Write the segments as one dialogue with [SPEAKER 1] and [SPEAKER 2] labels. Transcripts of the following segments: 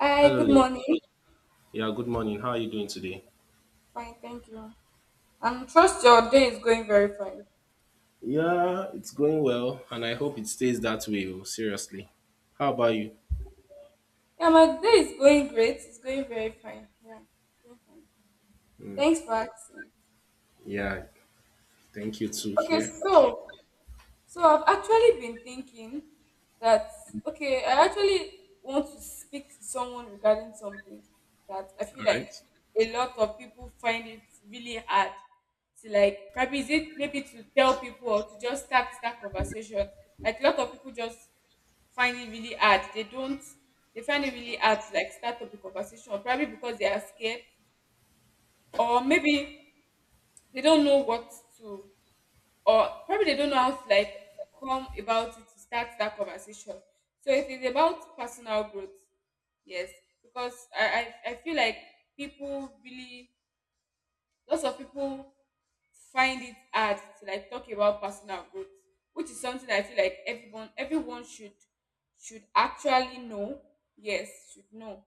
[SPEAKER 1] Hi,
[SPEAKER 2] Hello
[SPEAKER 1] good
[SPEAKER 2] there.
[SPEAKER 1] morning.
[SPEAKER 2] Yeah, good morning. How are you doing today?
[SPEAKER 1] Fine, thank you. And trust your day is going very fine.
[SPEAKER 2] Yeah, it's going well, and I hope it stays that way. Oh, Seriously. How about you?
[SPEAKER 1] Yeah, my day is going great. It's going very fine. Yeah, very fine. Thanks for asking.
[SPEAKER 2] Yeah, thank you too
[SPEAKER 1] Okay,
[SPEAKER 2] here.
[SPEAKER 1] so I've actually been thinking that okay, I actually want to speak to someone regarding something that I feel
[SPEAKER 2] All
[SPEAKER 1] like
[SPEAKER 2] right.
[SPEAKER 1] a lot of people find it really hard to like probably is it maybe to tell people or to just start that conversation. Like a lot of people just find it really hard. They don't they find it really hard to like start up a conversation, probably because they are scared or maybe they don't know what to or probably they don't know how to like come about it to start that conversation. So it is about personal growth, yes, because I feel like people really lots of people find it hard to like talk about personal growth, which is something I feel like everyone should actually know. Yes, should know.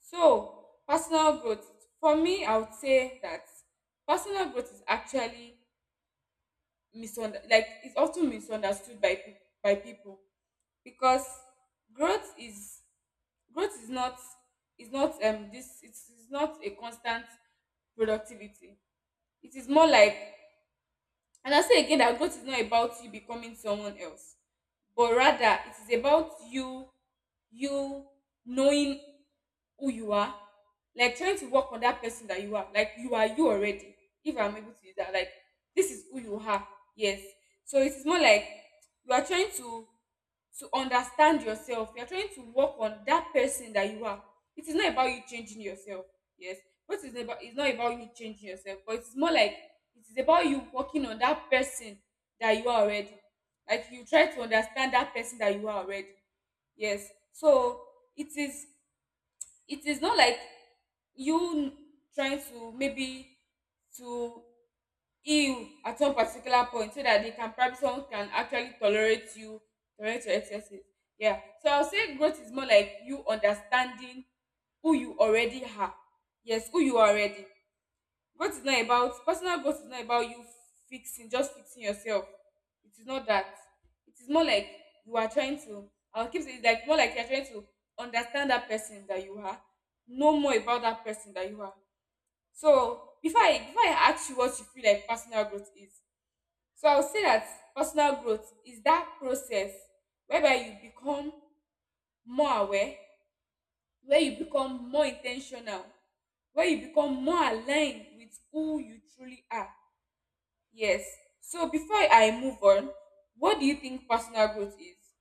[SPEAKER 1] So personal growth for me, I would say that personal growth is actually misunder like it's often misunderstood by by people because growth is growth is not this it's not a constant productivity. It is more like. And I say again that growth is not about you becoming someone else, but rather it is about you knowing who you are, like trying to work on that person that you are. Like you are you already. If I'm able to use that, like this is who you are. Yes. So it is more like you are trying to understand yourself. You are trying to work on that person that you are. It is not about you changing yourself. Yes. What is about it's not about you changing yourself, but it's more like it is about you working on that person that you are already, like you try to understand that person that you are already. Yes, so it is it is not like you trying to maybe to heal at one particular point so that they can probably someone can actually tolerate you, tolerate your excesses. Yeah, so I'll say growth is more like you understanding who you already are. Yes, who you are already. Growth is not about personal growth is not about you fixing yourself. It is not that. It is more like you are trying to. I'll keep saying it's like more like you're trying to understand that person that you are, know more about that person that you are. So before I ask you what you feel like personal growth is, so I'll say that personal growth is that process whereby you become more aware, where you become more intentional, where you become more aligned with who you truly are. Yes. So before I move on, what do you think personal growth is?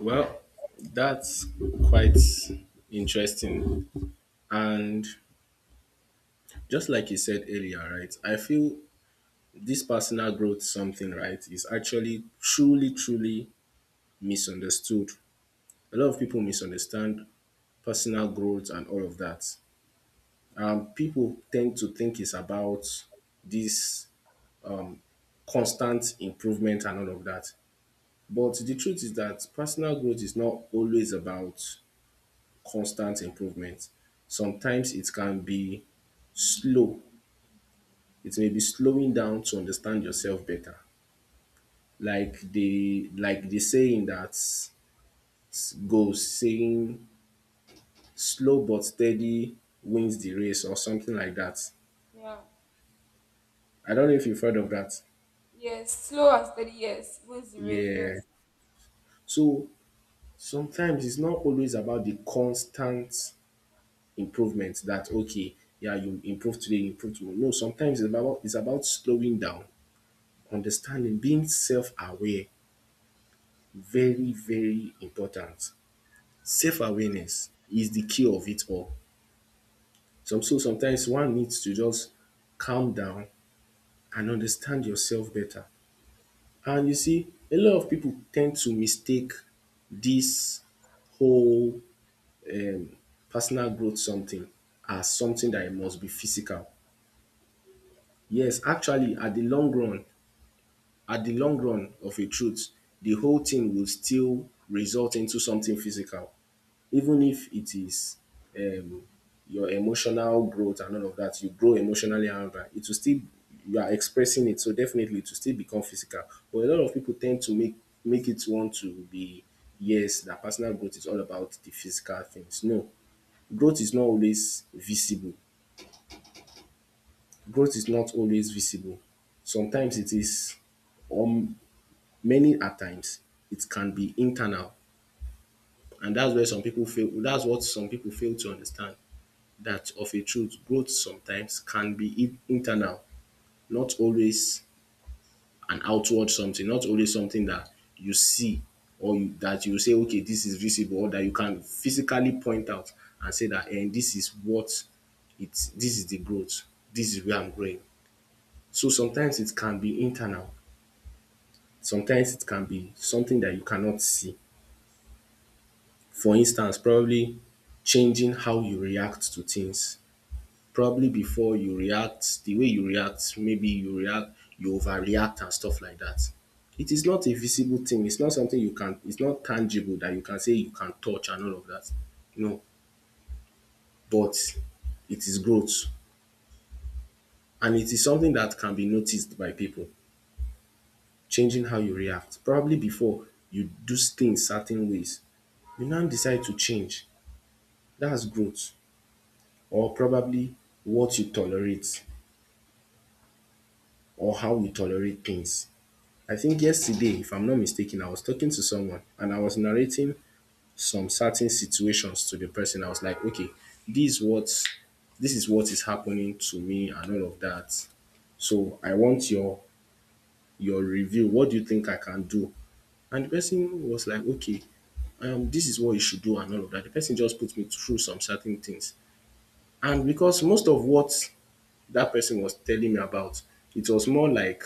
[SPEAKER 2] Well, that's quite interesting. And just like you said earlier, right? I feel this personal growth something, right, is actually truly, truly misunderstood. A lot of people misunderstand personal growth and all of that. People tend to think it's about this constant improvement and all of that. But the truth is that personal growth is not always about constant improvement. Sometimes it can be slow. It may be slowing down to understand yourself better. Like the saying that goes saying slow but steady wins the race, or something like that.
[SPEAKER 1] Yeah.
[SPEAKER 2] I don't know if you've heard of that.
[SPEAKER 1] Yes. Slow and steady. Yes. Wins the race.
[SPEAKER 2] Yeah.
[SPEAKER 1] Yes.
[SPEAKER 2] So sometimes it's not always about the constant improvement, that okay, yeah, you improve today, you improve tomorrow. No, sometimes it's about slowing down, understanding, being self-aware. Very, very important. Self-awareness is the key of it all. Some so sometimes one needs to just calm down and understand yourself better. And you see, a lot of people tend to mistake this whole um, personal growth something as something that it must be physical. Yes, actually, at the long run, at the long run of a truth, the whole thing will still result into something physical, even if it is um, your emotional growth and all of that. You grow emotionally, and all that, it will still, you are expressing it, so definitely it will still become physical. But a lot of people tend to make it want to be, yes, that personal growth is all about the physical things. No, growth is not always visible. Growth is not always visible. Sometimes it is, or many at times it can be internal, and that's where some people fail, that's what some people fail to understand, that of a truth, growth sometimes can be internal, not always an outward something, not always something that you see, or you that you say, okay, this is visible, or that you can physically point out and say that, and this is what, it's this is the growth, this is where I'm growing. So sometimes it can be internal, sometimes it can be something that you cannot see. For instance, probably changing how you react to things. Probably before you react, the way you react, maybe you react, you overreact and stuff like that. It is not a visible thing. It's not something you can, it's not tangible that you can say you can touch and all of that. No, but it is growth, and it is something that can be noticed by people. Changing how you react. Probably before you do things certain ways, you now decide to change. That's growth. Or probably what you tolerate or how you tolerate things. I think yesterday, if I'm not mistaken, I was talking to someone and I was narrating some certain situations to the person. I was like, okay, this what this is what is happening to me and all of that. So I want your review. What do you think I can do? And the person was like, okay, this is what you should do and all of that. The person just put me through some certain things. And because most of what that person was telling me about, it was more like,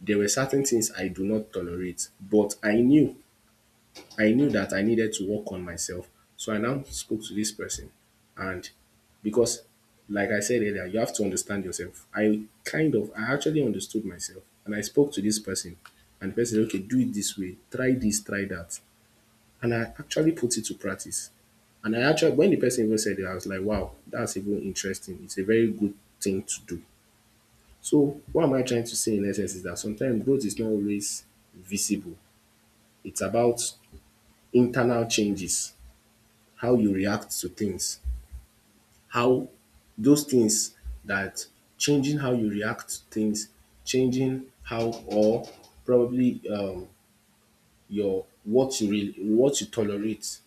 [SPEAKER 2] there were certain things I do not tolerate. But I knew that I needed to work on myself. So I now spoke to this person. And because, like I said earlier, you have to understand yourself. I actually understood myself. And I spoke to this person. And the person said, okay, do it this way, try this, try that. And I actually put it to practice. And I actually, when the person even said it, I was like, wow, that's even interesting. It's a very good thing to do. So, what am I trying to say in essence is that sometimes growth is not always visible. It's about internal changes, how you react to things, how those things that, changing how you react to things, changing how, or probably your what you really what you tolerate.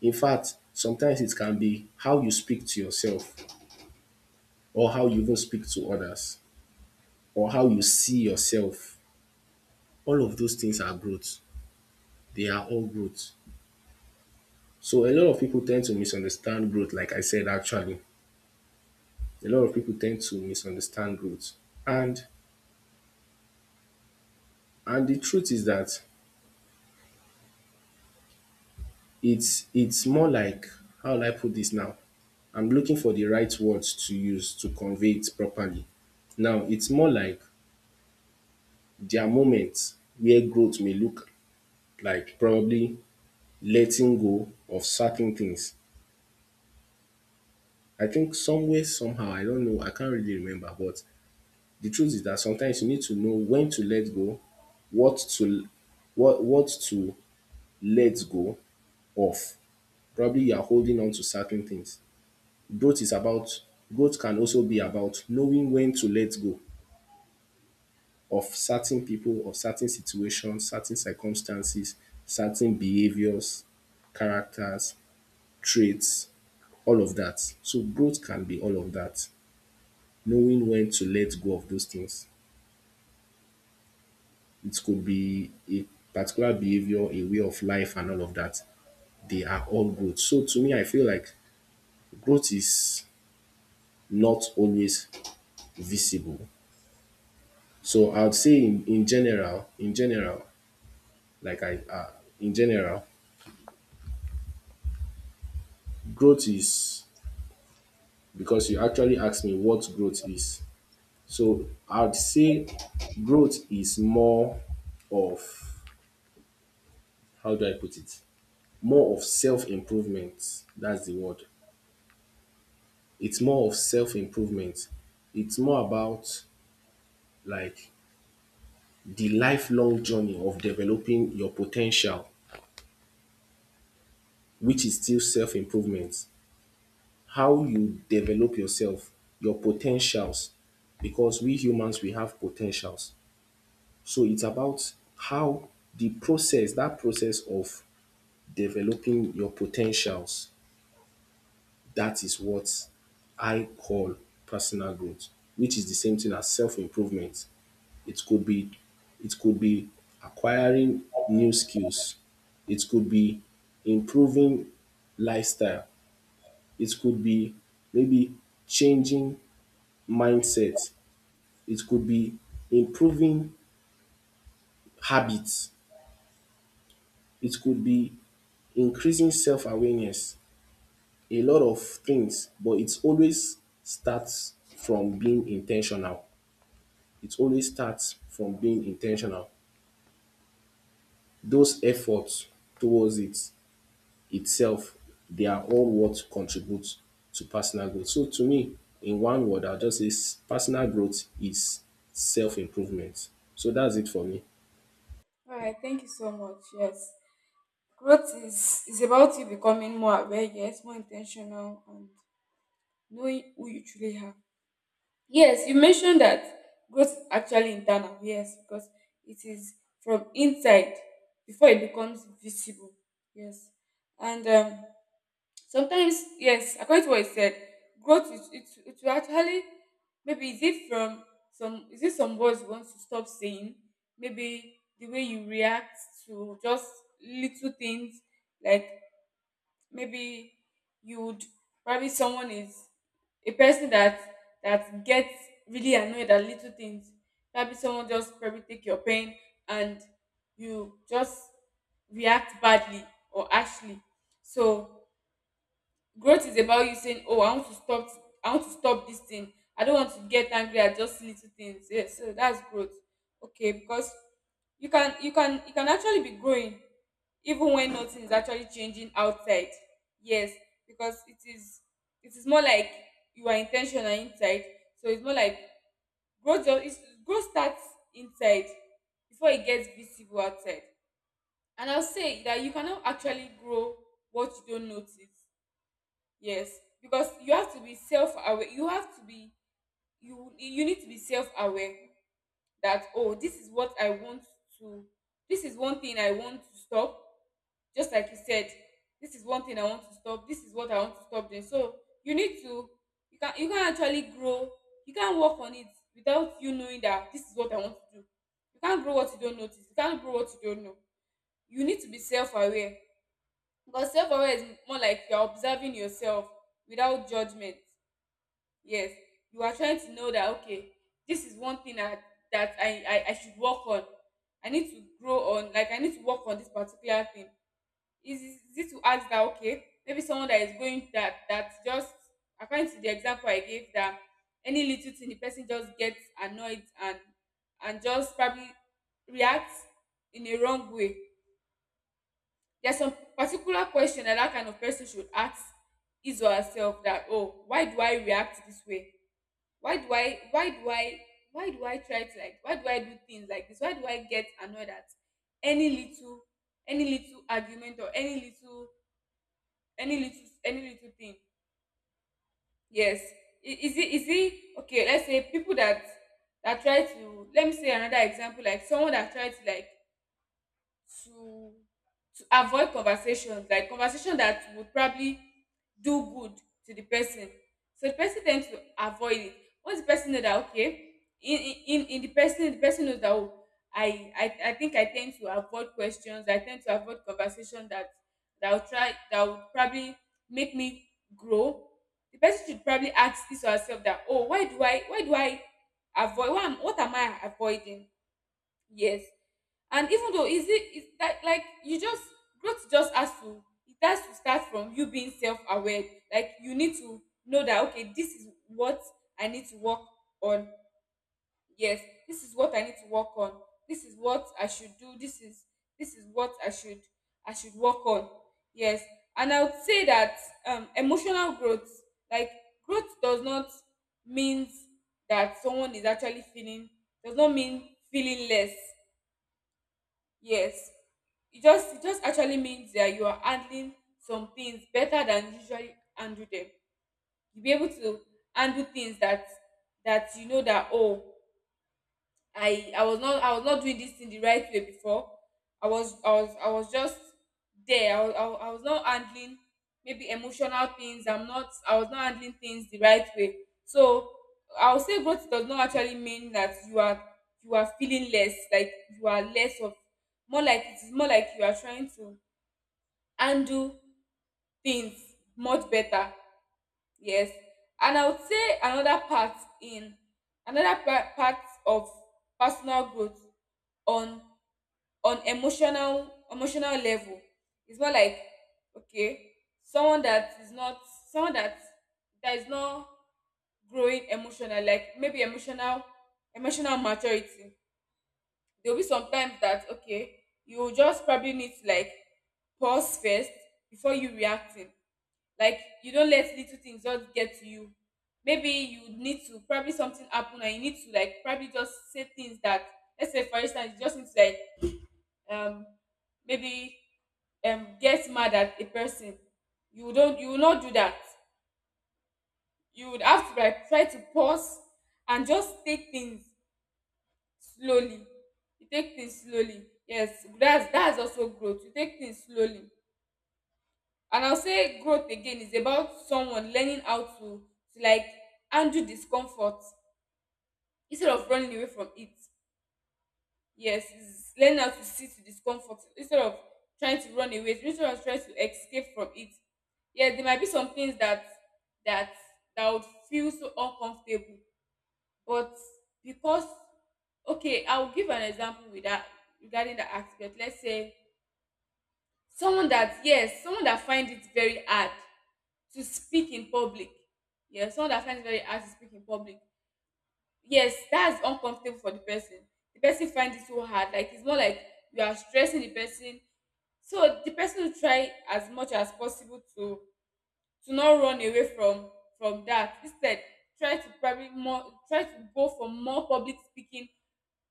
[SPEAKER 2] In fact, sometimes it can be how you speak to yourself, or how you even speak to others, or how you see yourself. All of those things are growth. They are all growth. So a lot of people tend to misunderstand growth, like I said actually. A lot of people tend to misunderstand growth. And and the truth is that it's more like, how will I put this now? I'm looking for the right words to use to convey it properly. Now it's more like, there are moments where growth may look like probably letting go of certain things. I think some way, somehow, I don't know, I can't really remember, but the truth is that sometimes you need to know when to let go, what to what to let go of. Probably you are holding on to certain things. Growth is about, growth can also be about knowing when to let go of certain people, of certain situations, certain circumstances, certain behaviors, characters, traits, all of that. So growth can be all of that. Knowing when to let go of those things. It could be a particular behavior, a way of life, and all of that. They are all growth. So to me, I feel like growth is not always visible. So I would say in general, in general, like I, uh, in general, growth is, because you actually asked me what growth is. So I'd say growth is more of, how do I put it? More of self improvement. That's the word. It's more of self improvement. It's more about like the lifelong journey of developing your potential, which is still self improvement. How you develop yourself, your potentials, because we humans, we have potentials. So it's about how, the process, that process of developing your potentials, that is what I call personal growth, which is the same thing as self-improvement. It could be it could be acquiring new skills. It could be improving lifestyle. It could be maybe changing mindset. It could be improving habits. It could be increasing self-awareness. A lot of things, but it always starts from being intentional. It always starts from being intentional. Those efforts towards it itself, they are all what contributes to personal growth. So to me, in one word, I'll just say personal growth is self-improvement. So that's it for me.
[SPEAKER 1] All right, thank you so much. Yes. Growth is about you becoming more aware, yes, more intentional and knowing who you truly are. Yes, you mentioned that growth is actually internal, yes, because it is from inside before it becomes visible. Yes. And sometimes, yes, according to what you said, growth is it will actually maybe is it from some is it some words you want to stop saying? Maybe the way you react to just little things, like maybe you would probably someone is a person that gets really annoyed at little things. Probably someone just probably take your pain and you just react badly or harshly. So growth is about you saying, oh, I want to stop, I want to stop this thing. I don't want to get angry at just little things. Yeah, so that's growth. Okay, because you can actually be growing even when nothing is actually changing outside. Yes, because it is more like you are intentional inside. So it's more like growth just it's, growth starts inside before it gets visible outside. And I'll say that you cannot actually grow what you don't notice. Yes, because you have to be self-aware. You need to be self-aware that, oh, to this is one thing I want to stop. Just like you said, this is one thing I want to stop. This is what I want to stop doing. So you need to you can actually grow. You can work on it without you knowing that this is what I want to do. You can't grow what you don't notice. You can't grow what you don't know. You need to be self-aware. Because self-aware is more like you're observing yourself without judgment. Yes, you are trying to know that okay, this is one thing that I should work on. I need to grow on, like I need to work on this particular thing. Is it to ask that okay maybe someone that is going that just, according to the example I gave, that any little thing the person just gets annoyed and just probably react in a wrong way. There's some particular question that that kind of person should ask his or herself, that oh, why do I react this way? Why do I why do I why do I try to, like, why do I do things like this? Why do I get annoyed at any little any little argument or any little thing? Yes. Is it okay, let's say people that try to, let me say another example like someone that try to like to to avoid conversations, like conversation that would probably do good to the person, so the person tends to avoid it. Once the person know that okay, in the person knows that oh, I think I tend to avoid questions. I tend to avoid conversation that that will try that would probably make me grow. The person should probably ask this to herself that oh, why do I avoid, what am I avoiding? Yes. And even though is it is, like you just, growth just has to it has to start from you being self-aware. Like you need to know that okay, this is what I need to work on. Yes, this is what I need to work on. This is what I should do. This is what I should work on. Yes. And I would say that emotional growth, like growth means that someone is actually feeling does not mean feeling less. Yes, it just actually means that you are handling some things better than you usually handle them. You'll be able to handle things that you know that oh, I was not doing this thing the right way before. I was just there. I was not handling maybe emotional things. I was not handling things the right way. So I would say growth does not actually mean that you are feeling less, like you are less of, more like it is more like you are trying to handle things much better. Yes. And I would say another part in another pa- part of personal growth on on emotional level. It's more like okay, someone that is not someone that is not growing emotional, like maybe emotional maturity. There'll be sometimes that okay, you will just probably need to like pause first before you reacting, like you don't let little things just get to you. Maybe you need to probably something happen and you need to like probably just say things that, let's say for instance you just need to like um maybe get mad at a person. You will not do that. You would have to like try to pause and just take things slowly. You take things slowly. Yes, that's also growth. You take things slowly. And I'll say growth again is about someone learning how to like handle discomfort instead of running away from it. Yes, it's learning how to sit with discomfort instead of trying to run away, instead of trying to escape from it. Yeah, there might be some things that that would feel so uncomfortable, but because okay, I'll give an example with that regarding the aspect. Let's say someone that find it very hard to speak in public. Yes, someone that finds it very hard to speak in public. Yes, that's uncomfortable for the person. The person finds it so hard. Like it's not like you are stressing the person. So the person will try as much as possible to not run away from that. Instead, try to probably more try to go for more public speaking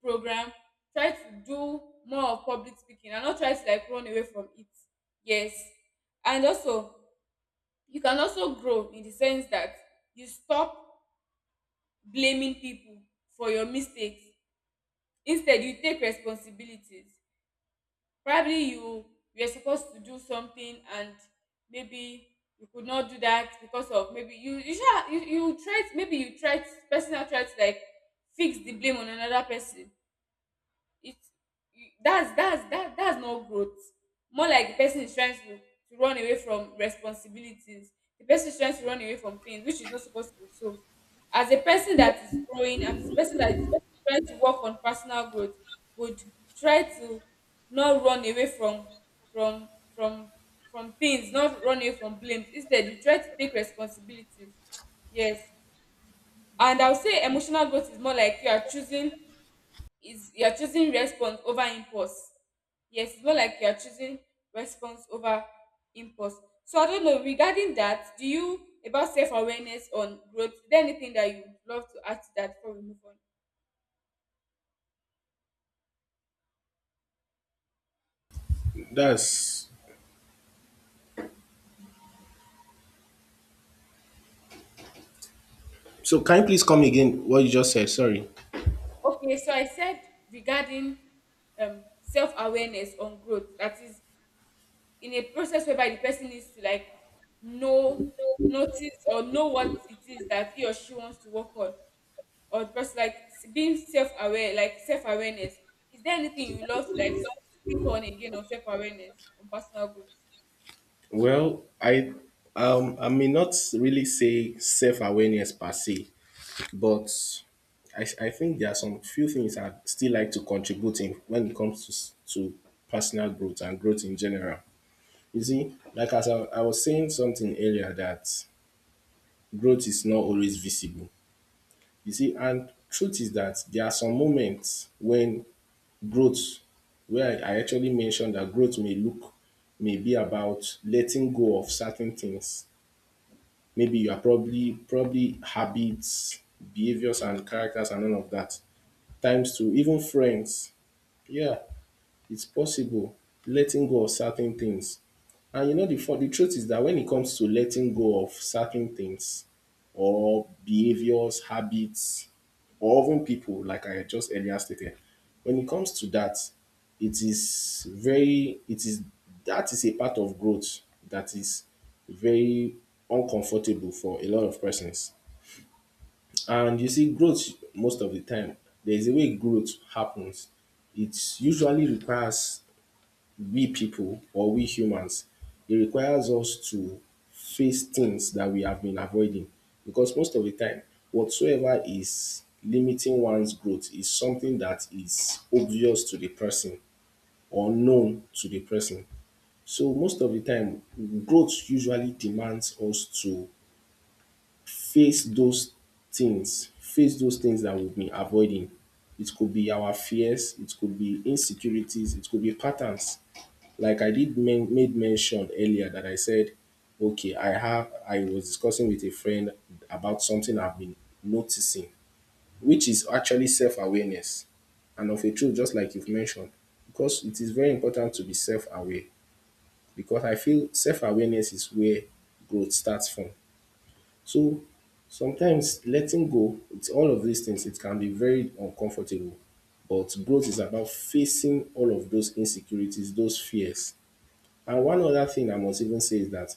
[SPEAKER 1] program. Try to do more of public speaking and not try to like run away from it. Yes. And also you can also grow in the sense that you stop blaming people for your mistakes. Instead you take responsibilities. Probably you were supposed to do something and maybe you could not do that because of maybe you you sha you you try maybe you try personal try to like fix the blame on another person. it's that's not growth. More like the person is trying to run away from responsibilities. The person is trying to run away from things, which is not supposed to be so. As a person that is growing, as a person that is trying to work on personal growth, would try to not run away from from from things, not run away from blames. Instead you try to take responsibilities. Yes. And I will say emotional growth is more like you are choosing is you're choosing response over impulse. Yes, it's more like you're choosing response over impulse. So I don't know, regarding that, do you about self-awareness on growth, is there anything that you would love to add to that before we move on?
[SPEAKER 2] That's, so can you please come again what you just said? Sorry.
[SPEAKER 1] Okay, so I said regarding self-awareness on growth, that is in a process whereby the person needs to like know, notice or know what it is that he or she wants to work on, or just like being self-aware, like self-awareness, is there anything you love to like speak on again on self-awareness on personal growth?
[SPEAKER 2] Well, I may not really say self-awareness per se, but I think there are some few things I'd still like to contribute in when it comes to, to personal growth and growth in general. You see, like as I was saying something earlier, that growth is not always visible. You see, and truth is that there are some moments when growth, where I actually mentioned that growth may look, may be about letting go of certain things, maybe you are probably habits, behaviors and characters and all of that, times two even friends, yeah, it's possible, letting go of certain things. And you know, the fun the truth is that when it comes to letting go of certain things or behaviors, habits, or even people, like I just earlier stated, when it comes to that, it is very, it is, that is a part of growth that is very uncomfortable for a lot of persons. And you see, growth most of the time, there is a way growth happens. It usually requires we people or we humans, it requires us to face things that we have been avoiding, because most of the time, whatsoever is limiting one's growth is something that is obvious to the person or known to the person. So most of the time, growth usually demands us to face those face those things that we've been avoiding. It could be our fears, it could be insecurities, it could be patterns, like I made mention earlier that I said, okay, I have, I was discussing with a friend about something I've been noticing, which is actually self-awareness. And of a truth, just like you've mentioned, because it is very important to be self-aware. Because I feel self-awareness is where growth starts from. So sometimes letting go, it's all of these things, it can be very uncomfortable. But growth is about facing all of those insecurities, those fears, and one other thing I must even say is that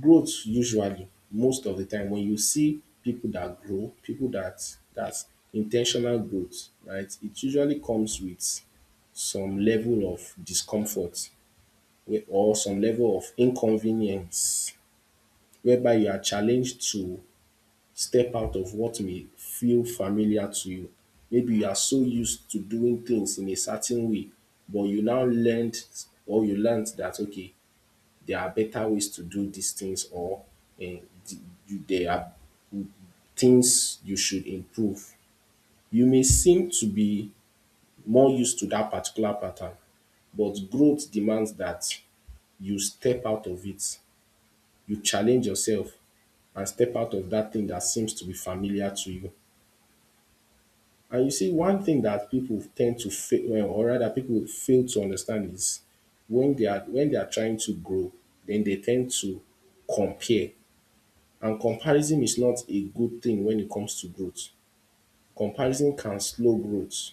[SPEAKER 2] growth usually, most of the time when you see people that grow, people that that's intentional growth, right? It usually comes with some level of discomfort or some level of inconvenience whereby you are challenged to step out of what may feel familiar to you. Maybe you are so used to doing things in a certain way, but you now learned or you learned that okay, there are better ways to do these things or eh, th- there are things you should improve. You may seem to be more used to that particular pattern, but growth demands that you step out of it. You challenge yourself and step out of that thing that seems to be familiar to you. And you see, one thing that people tend to fail, well, or rather, people fail to understand is when they are trying to grow, then they tend to compare. And comparison is not a good thing when it comes to growth. Comparison can slow growth.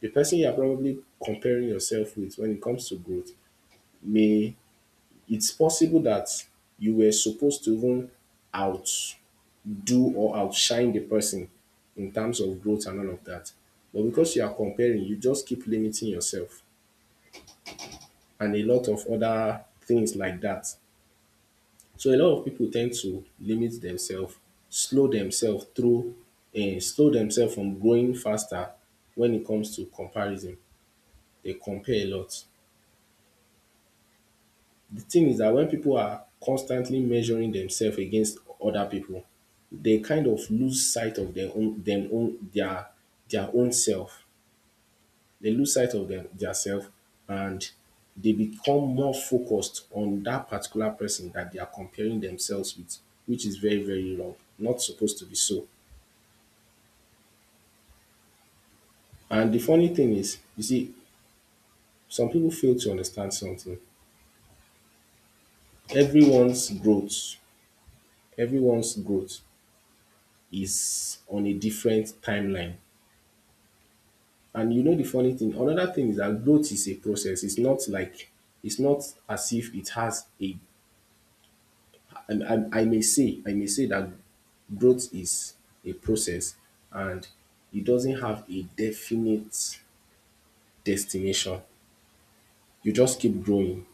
[SPEAKER 2] The person you are probably comparing yourself with when it comes to growth may, it's possible that you were supposed to even outdo or outshine the person in terms of growth and all of that. But because you are comparing, you just keep limiting yourself and a lot of other things like that. So a lot of people tend to limit themselves, slow themselves through, and slow themselves from growing faster when it comes to comparison. They compare a lot. The thing is that when people are constantly measuring themselves against other people, they kind of lose sight of their own, them own, their own self. They lose sight of them themselves and they become more focused on that particular person that they are comparing themselves with, which is very, very wrong. Not supposed to be so. And the funny thing is, you see, some people fail to understand something. Everyone's growth, everyone's growth is on a different timeline. And you know the funny thing, another thing is that growth is a process. It's not like, it's not as if it has a, I may say that growth is a process and it doesn't have a definite destination. You just keep growing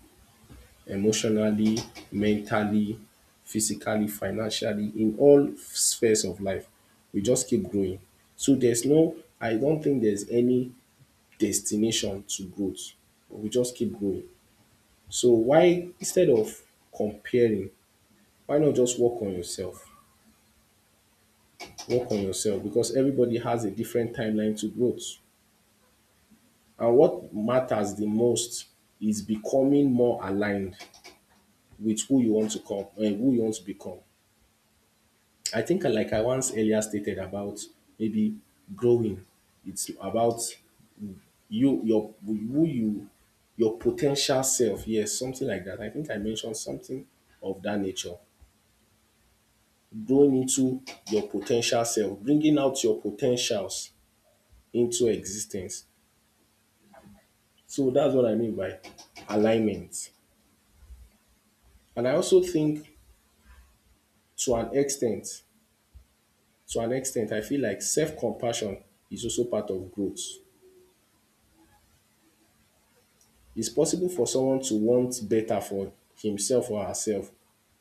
[SPEAKER 2] emotionally, mentally, physically, financially, in all spheres of life. We just keep growing. So there's no, I don't think there's any destination to growth. We just keep growing. So why, instead of comparing, why not just work on yourself? Work on yourself, because everybody has a different timeline to growth. And what matters the most is becoming more aligned with who you want to come and who you want to become. I think like I once earlier stated about maybe growing. It's about you, your, who you, your potential self. Yes, something like that. I think I mentioned something of that nature. Growing into your potential self, bringing out your potentials into existence. So that's what I mean by alignment. And I also think, to an extent, to an extent, I feel like self-compassion is also part of growth. It's possible for someone to want better for himself or herself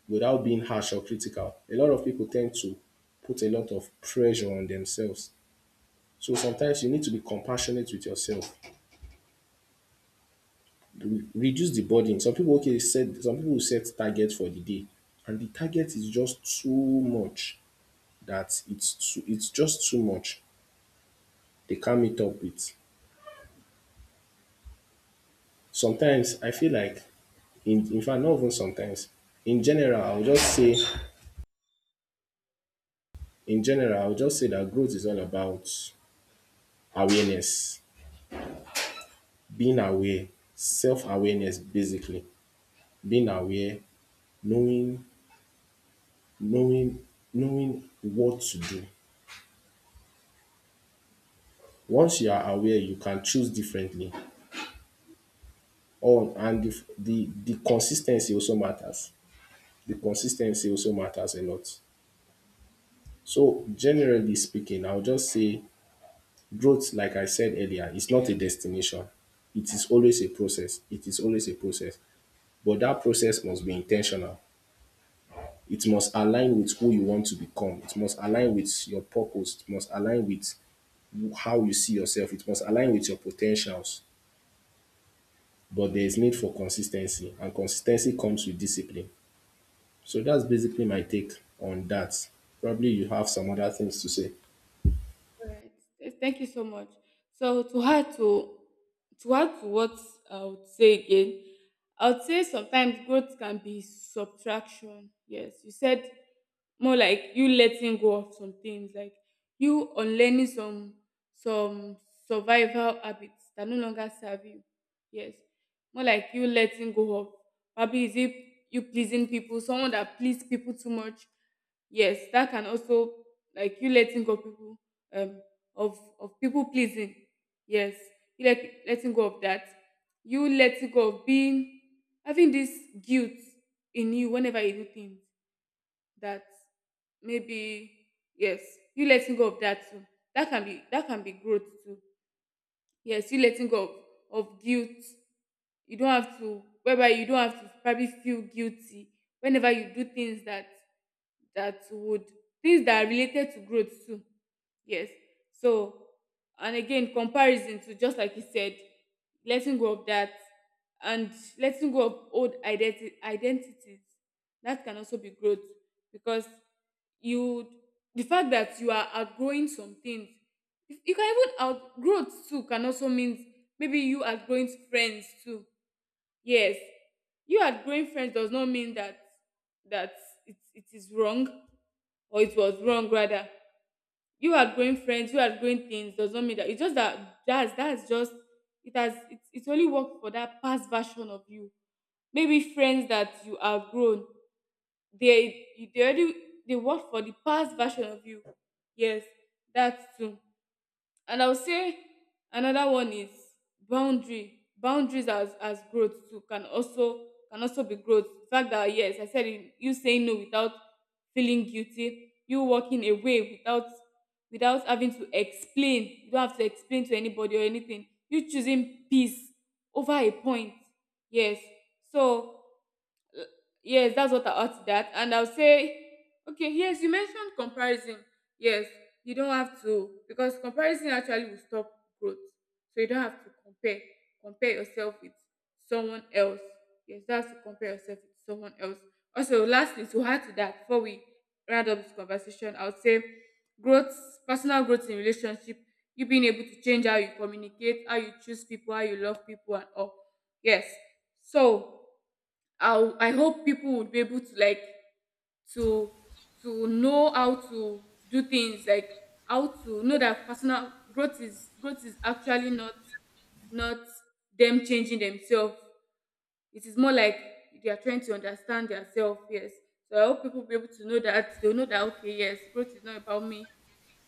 [SPEAKER 2] without being harsh or critical. A lot of people tend to put a lot of pressure on themselves. So sometimes you need to be compassionate with yourself. Reduce the burden. Some people, okay, set, some people will set targets for the day, and the target is just too much, that it's too, it's just too much. They can't meet up with. Sometimes I feel like, in fact, not even sometimes. In general, I'll just say, in general, I'll just say that growth is all about awareness, being aware, self-awareness, basically, being aware, knowing, knowing, knowing what to do. Once you are aware, you can choose differently. Oh, and the consistency also matters. The consistency also matters a lot. So generally speaking, I'll just say growth, like I said earlier, is not a destination. It is always a process. It is always a process. But that process must be intentional. It must align with who you want to become. It must align with your purpose. It must align with how you see yourself. It must align with your potentials. But there is need for consistency, and consistency comes with discipline. So that's basically my take on that. Probably you have some other things to say.
[SPEAKER 1] Alright. Thank you so much. So to add to add to what I would say again, I would say sometimes growth can be subtraction. Yes, you said more like you letting go of some things, like you unlearning some survival habits that no longer serve you. Yes, more like you letting go of, probably is it you pleasing people, someone that please people too much. Yes, that can also, like you letting go of people, um, of people pleasing. Yes, you letting go of that. You letting go of being having this guilt in you whenever you do things that maybe, yes, you letting go of that too. That can be growth too. Yes, you letting go of guilt. You don't have to, whereby you don't have to probably feel guilty whenever you do things that that would, things that are related to growth too. Yes. So, and again, comparison, to just like you said, letting go of that. And letting go of old identities, that can also be growth. Because you, the fact that you are outgrowing some things, you can even outgrowth too, can also mean maybe you outgrowing friends too. Yes, you outgrowing friends does not mean that that it is wrong, or it was wrong rather. You outgrowing friends, you outgrowing things does not mean that. It's just that that's just it has it only worked for that past version of you. Maybe friends that you outgrown, they they already, they work for the past version of you. Yes, that's true. And I would say another one is boundary boundaries as growth too, can also be growth. The fact that yes I said it, you saying no without feeling guilty, you walking away without without having to explain, you don't have to explain to anybody or anything, you choosing peace over a point. Yes. So Uh, yes, that's what I ought that. And I'll say, okay, yes, you mentioned comparison. Yes, you don't have to, because comparison actually will stop growth. So you don't have to compare yourself with someone else. Yes, that's to compare yourself with someone else. Also, lastly, to add to that, before we round up this conversation, I would say growth, personal growth in relationship, you being able to change how you communicate, how you choose people, how you love people, and all. Yes. So I hope people would be able to like to to know how to do things, like how to know that personal growth is, growth is actually not, not them changing themselves. It is more like they are trying to understand themselves. Yes. So I hope people be able to know that they'll know that, okay, yes, growth is not about me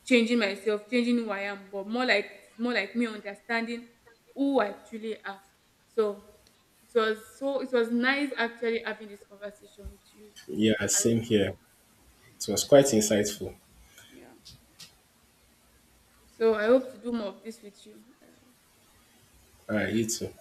[SPEAKER 1] changing myself, changing who I am, but more like, it's more like me understanding who I truly are. So it was, so it was nice actually having this conversation with you.
[SPEAKER 2] Yeah,
[SPEAKER 1] And
[SPEAKER 2] same here. It was quite insightful.
[SPEAKER 1] yeah, so I hope to do more of this with you.
[SPEAKER 2] All right, you too.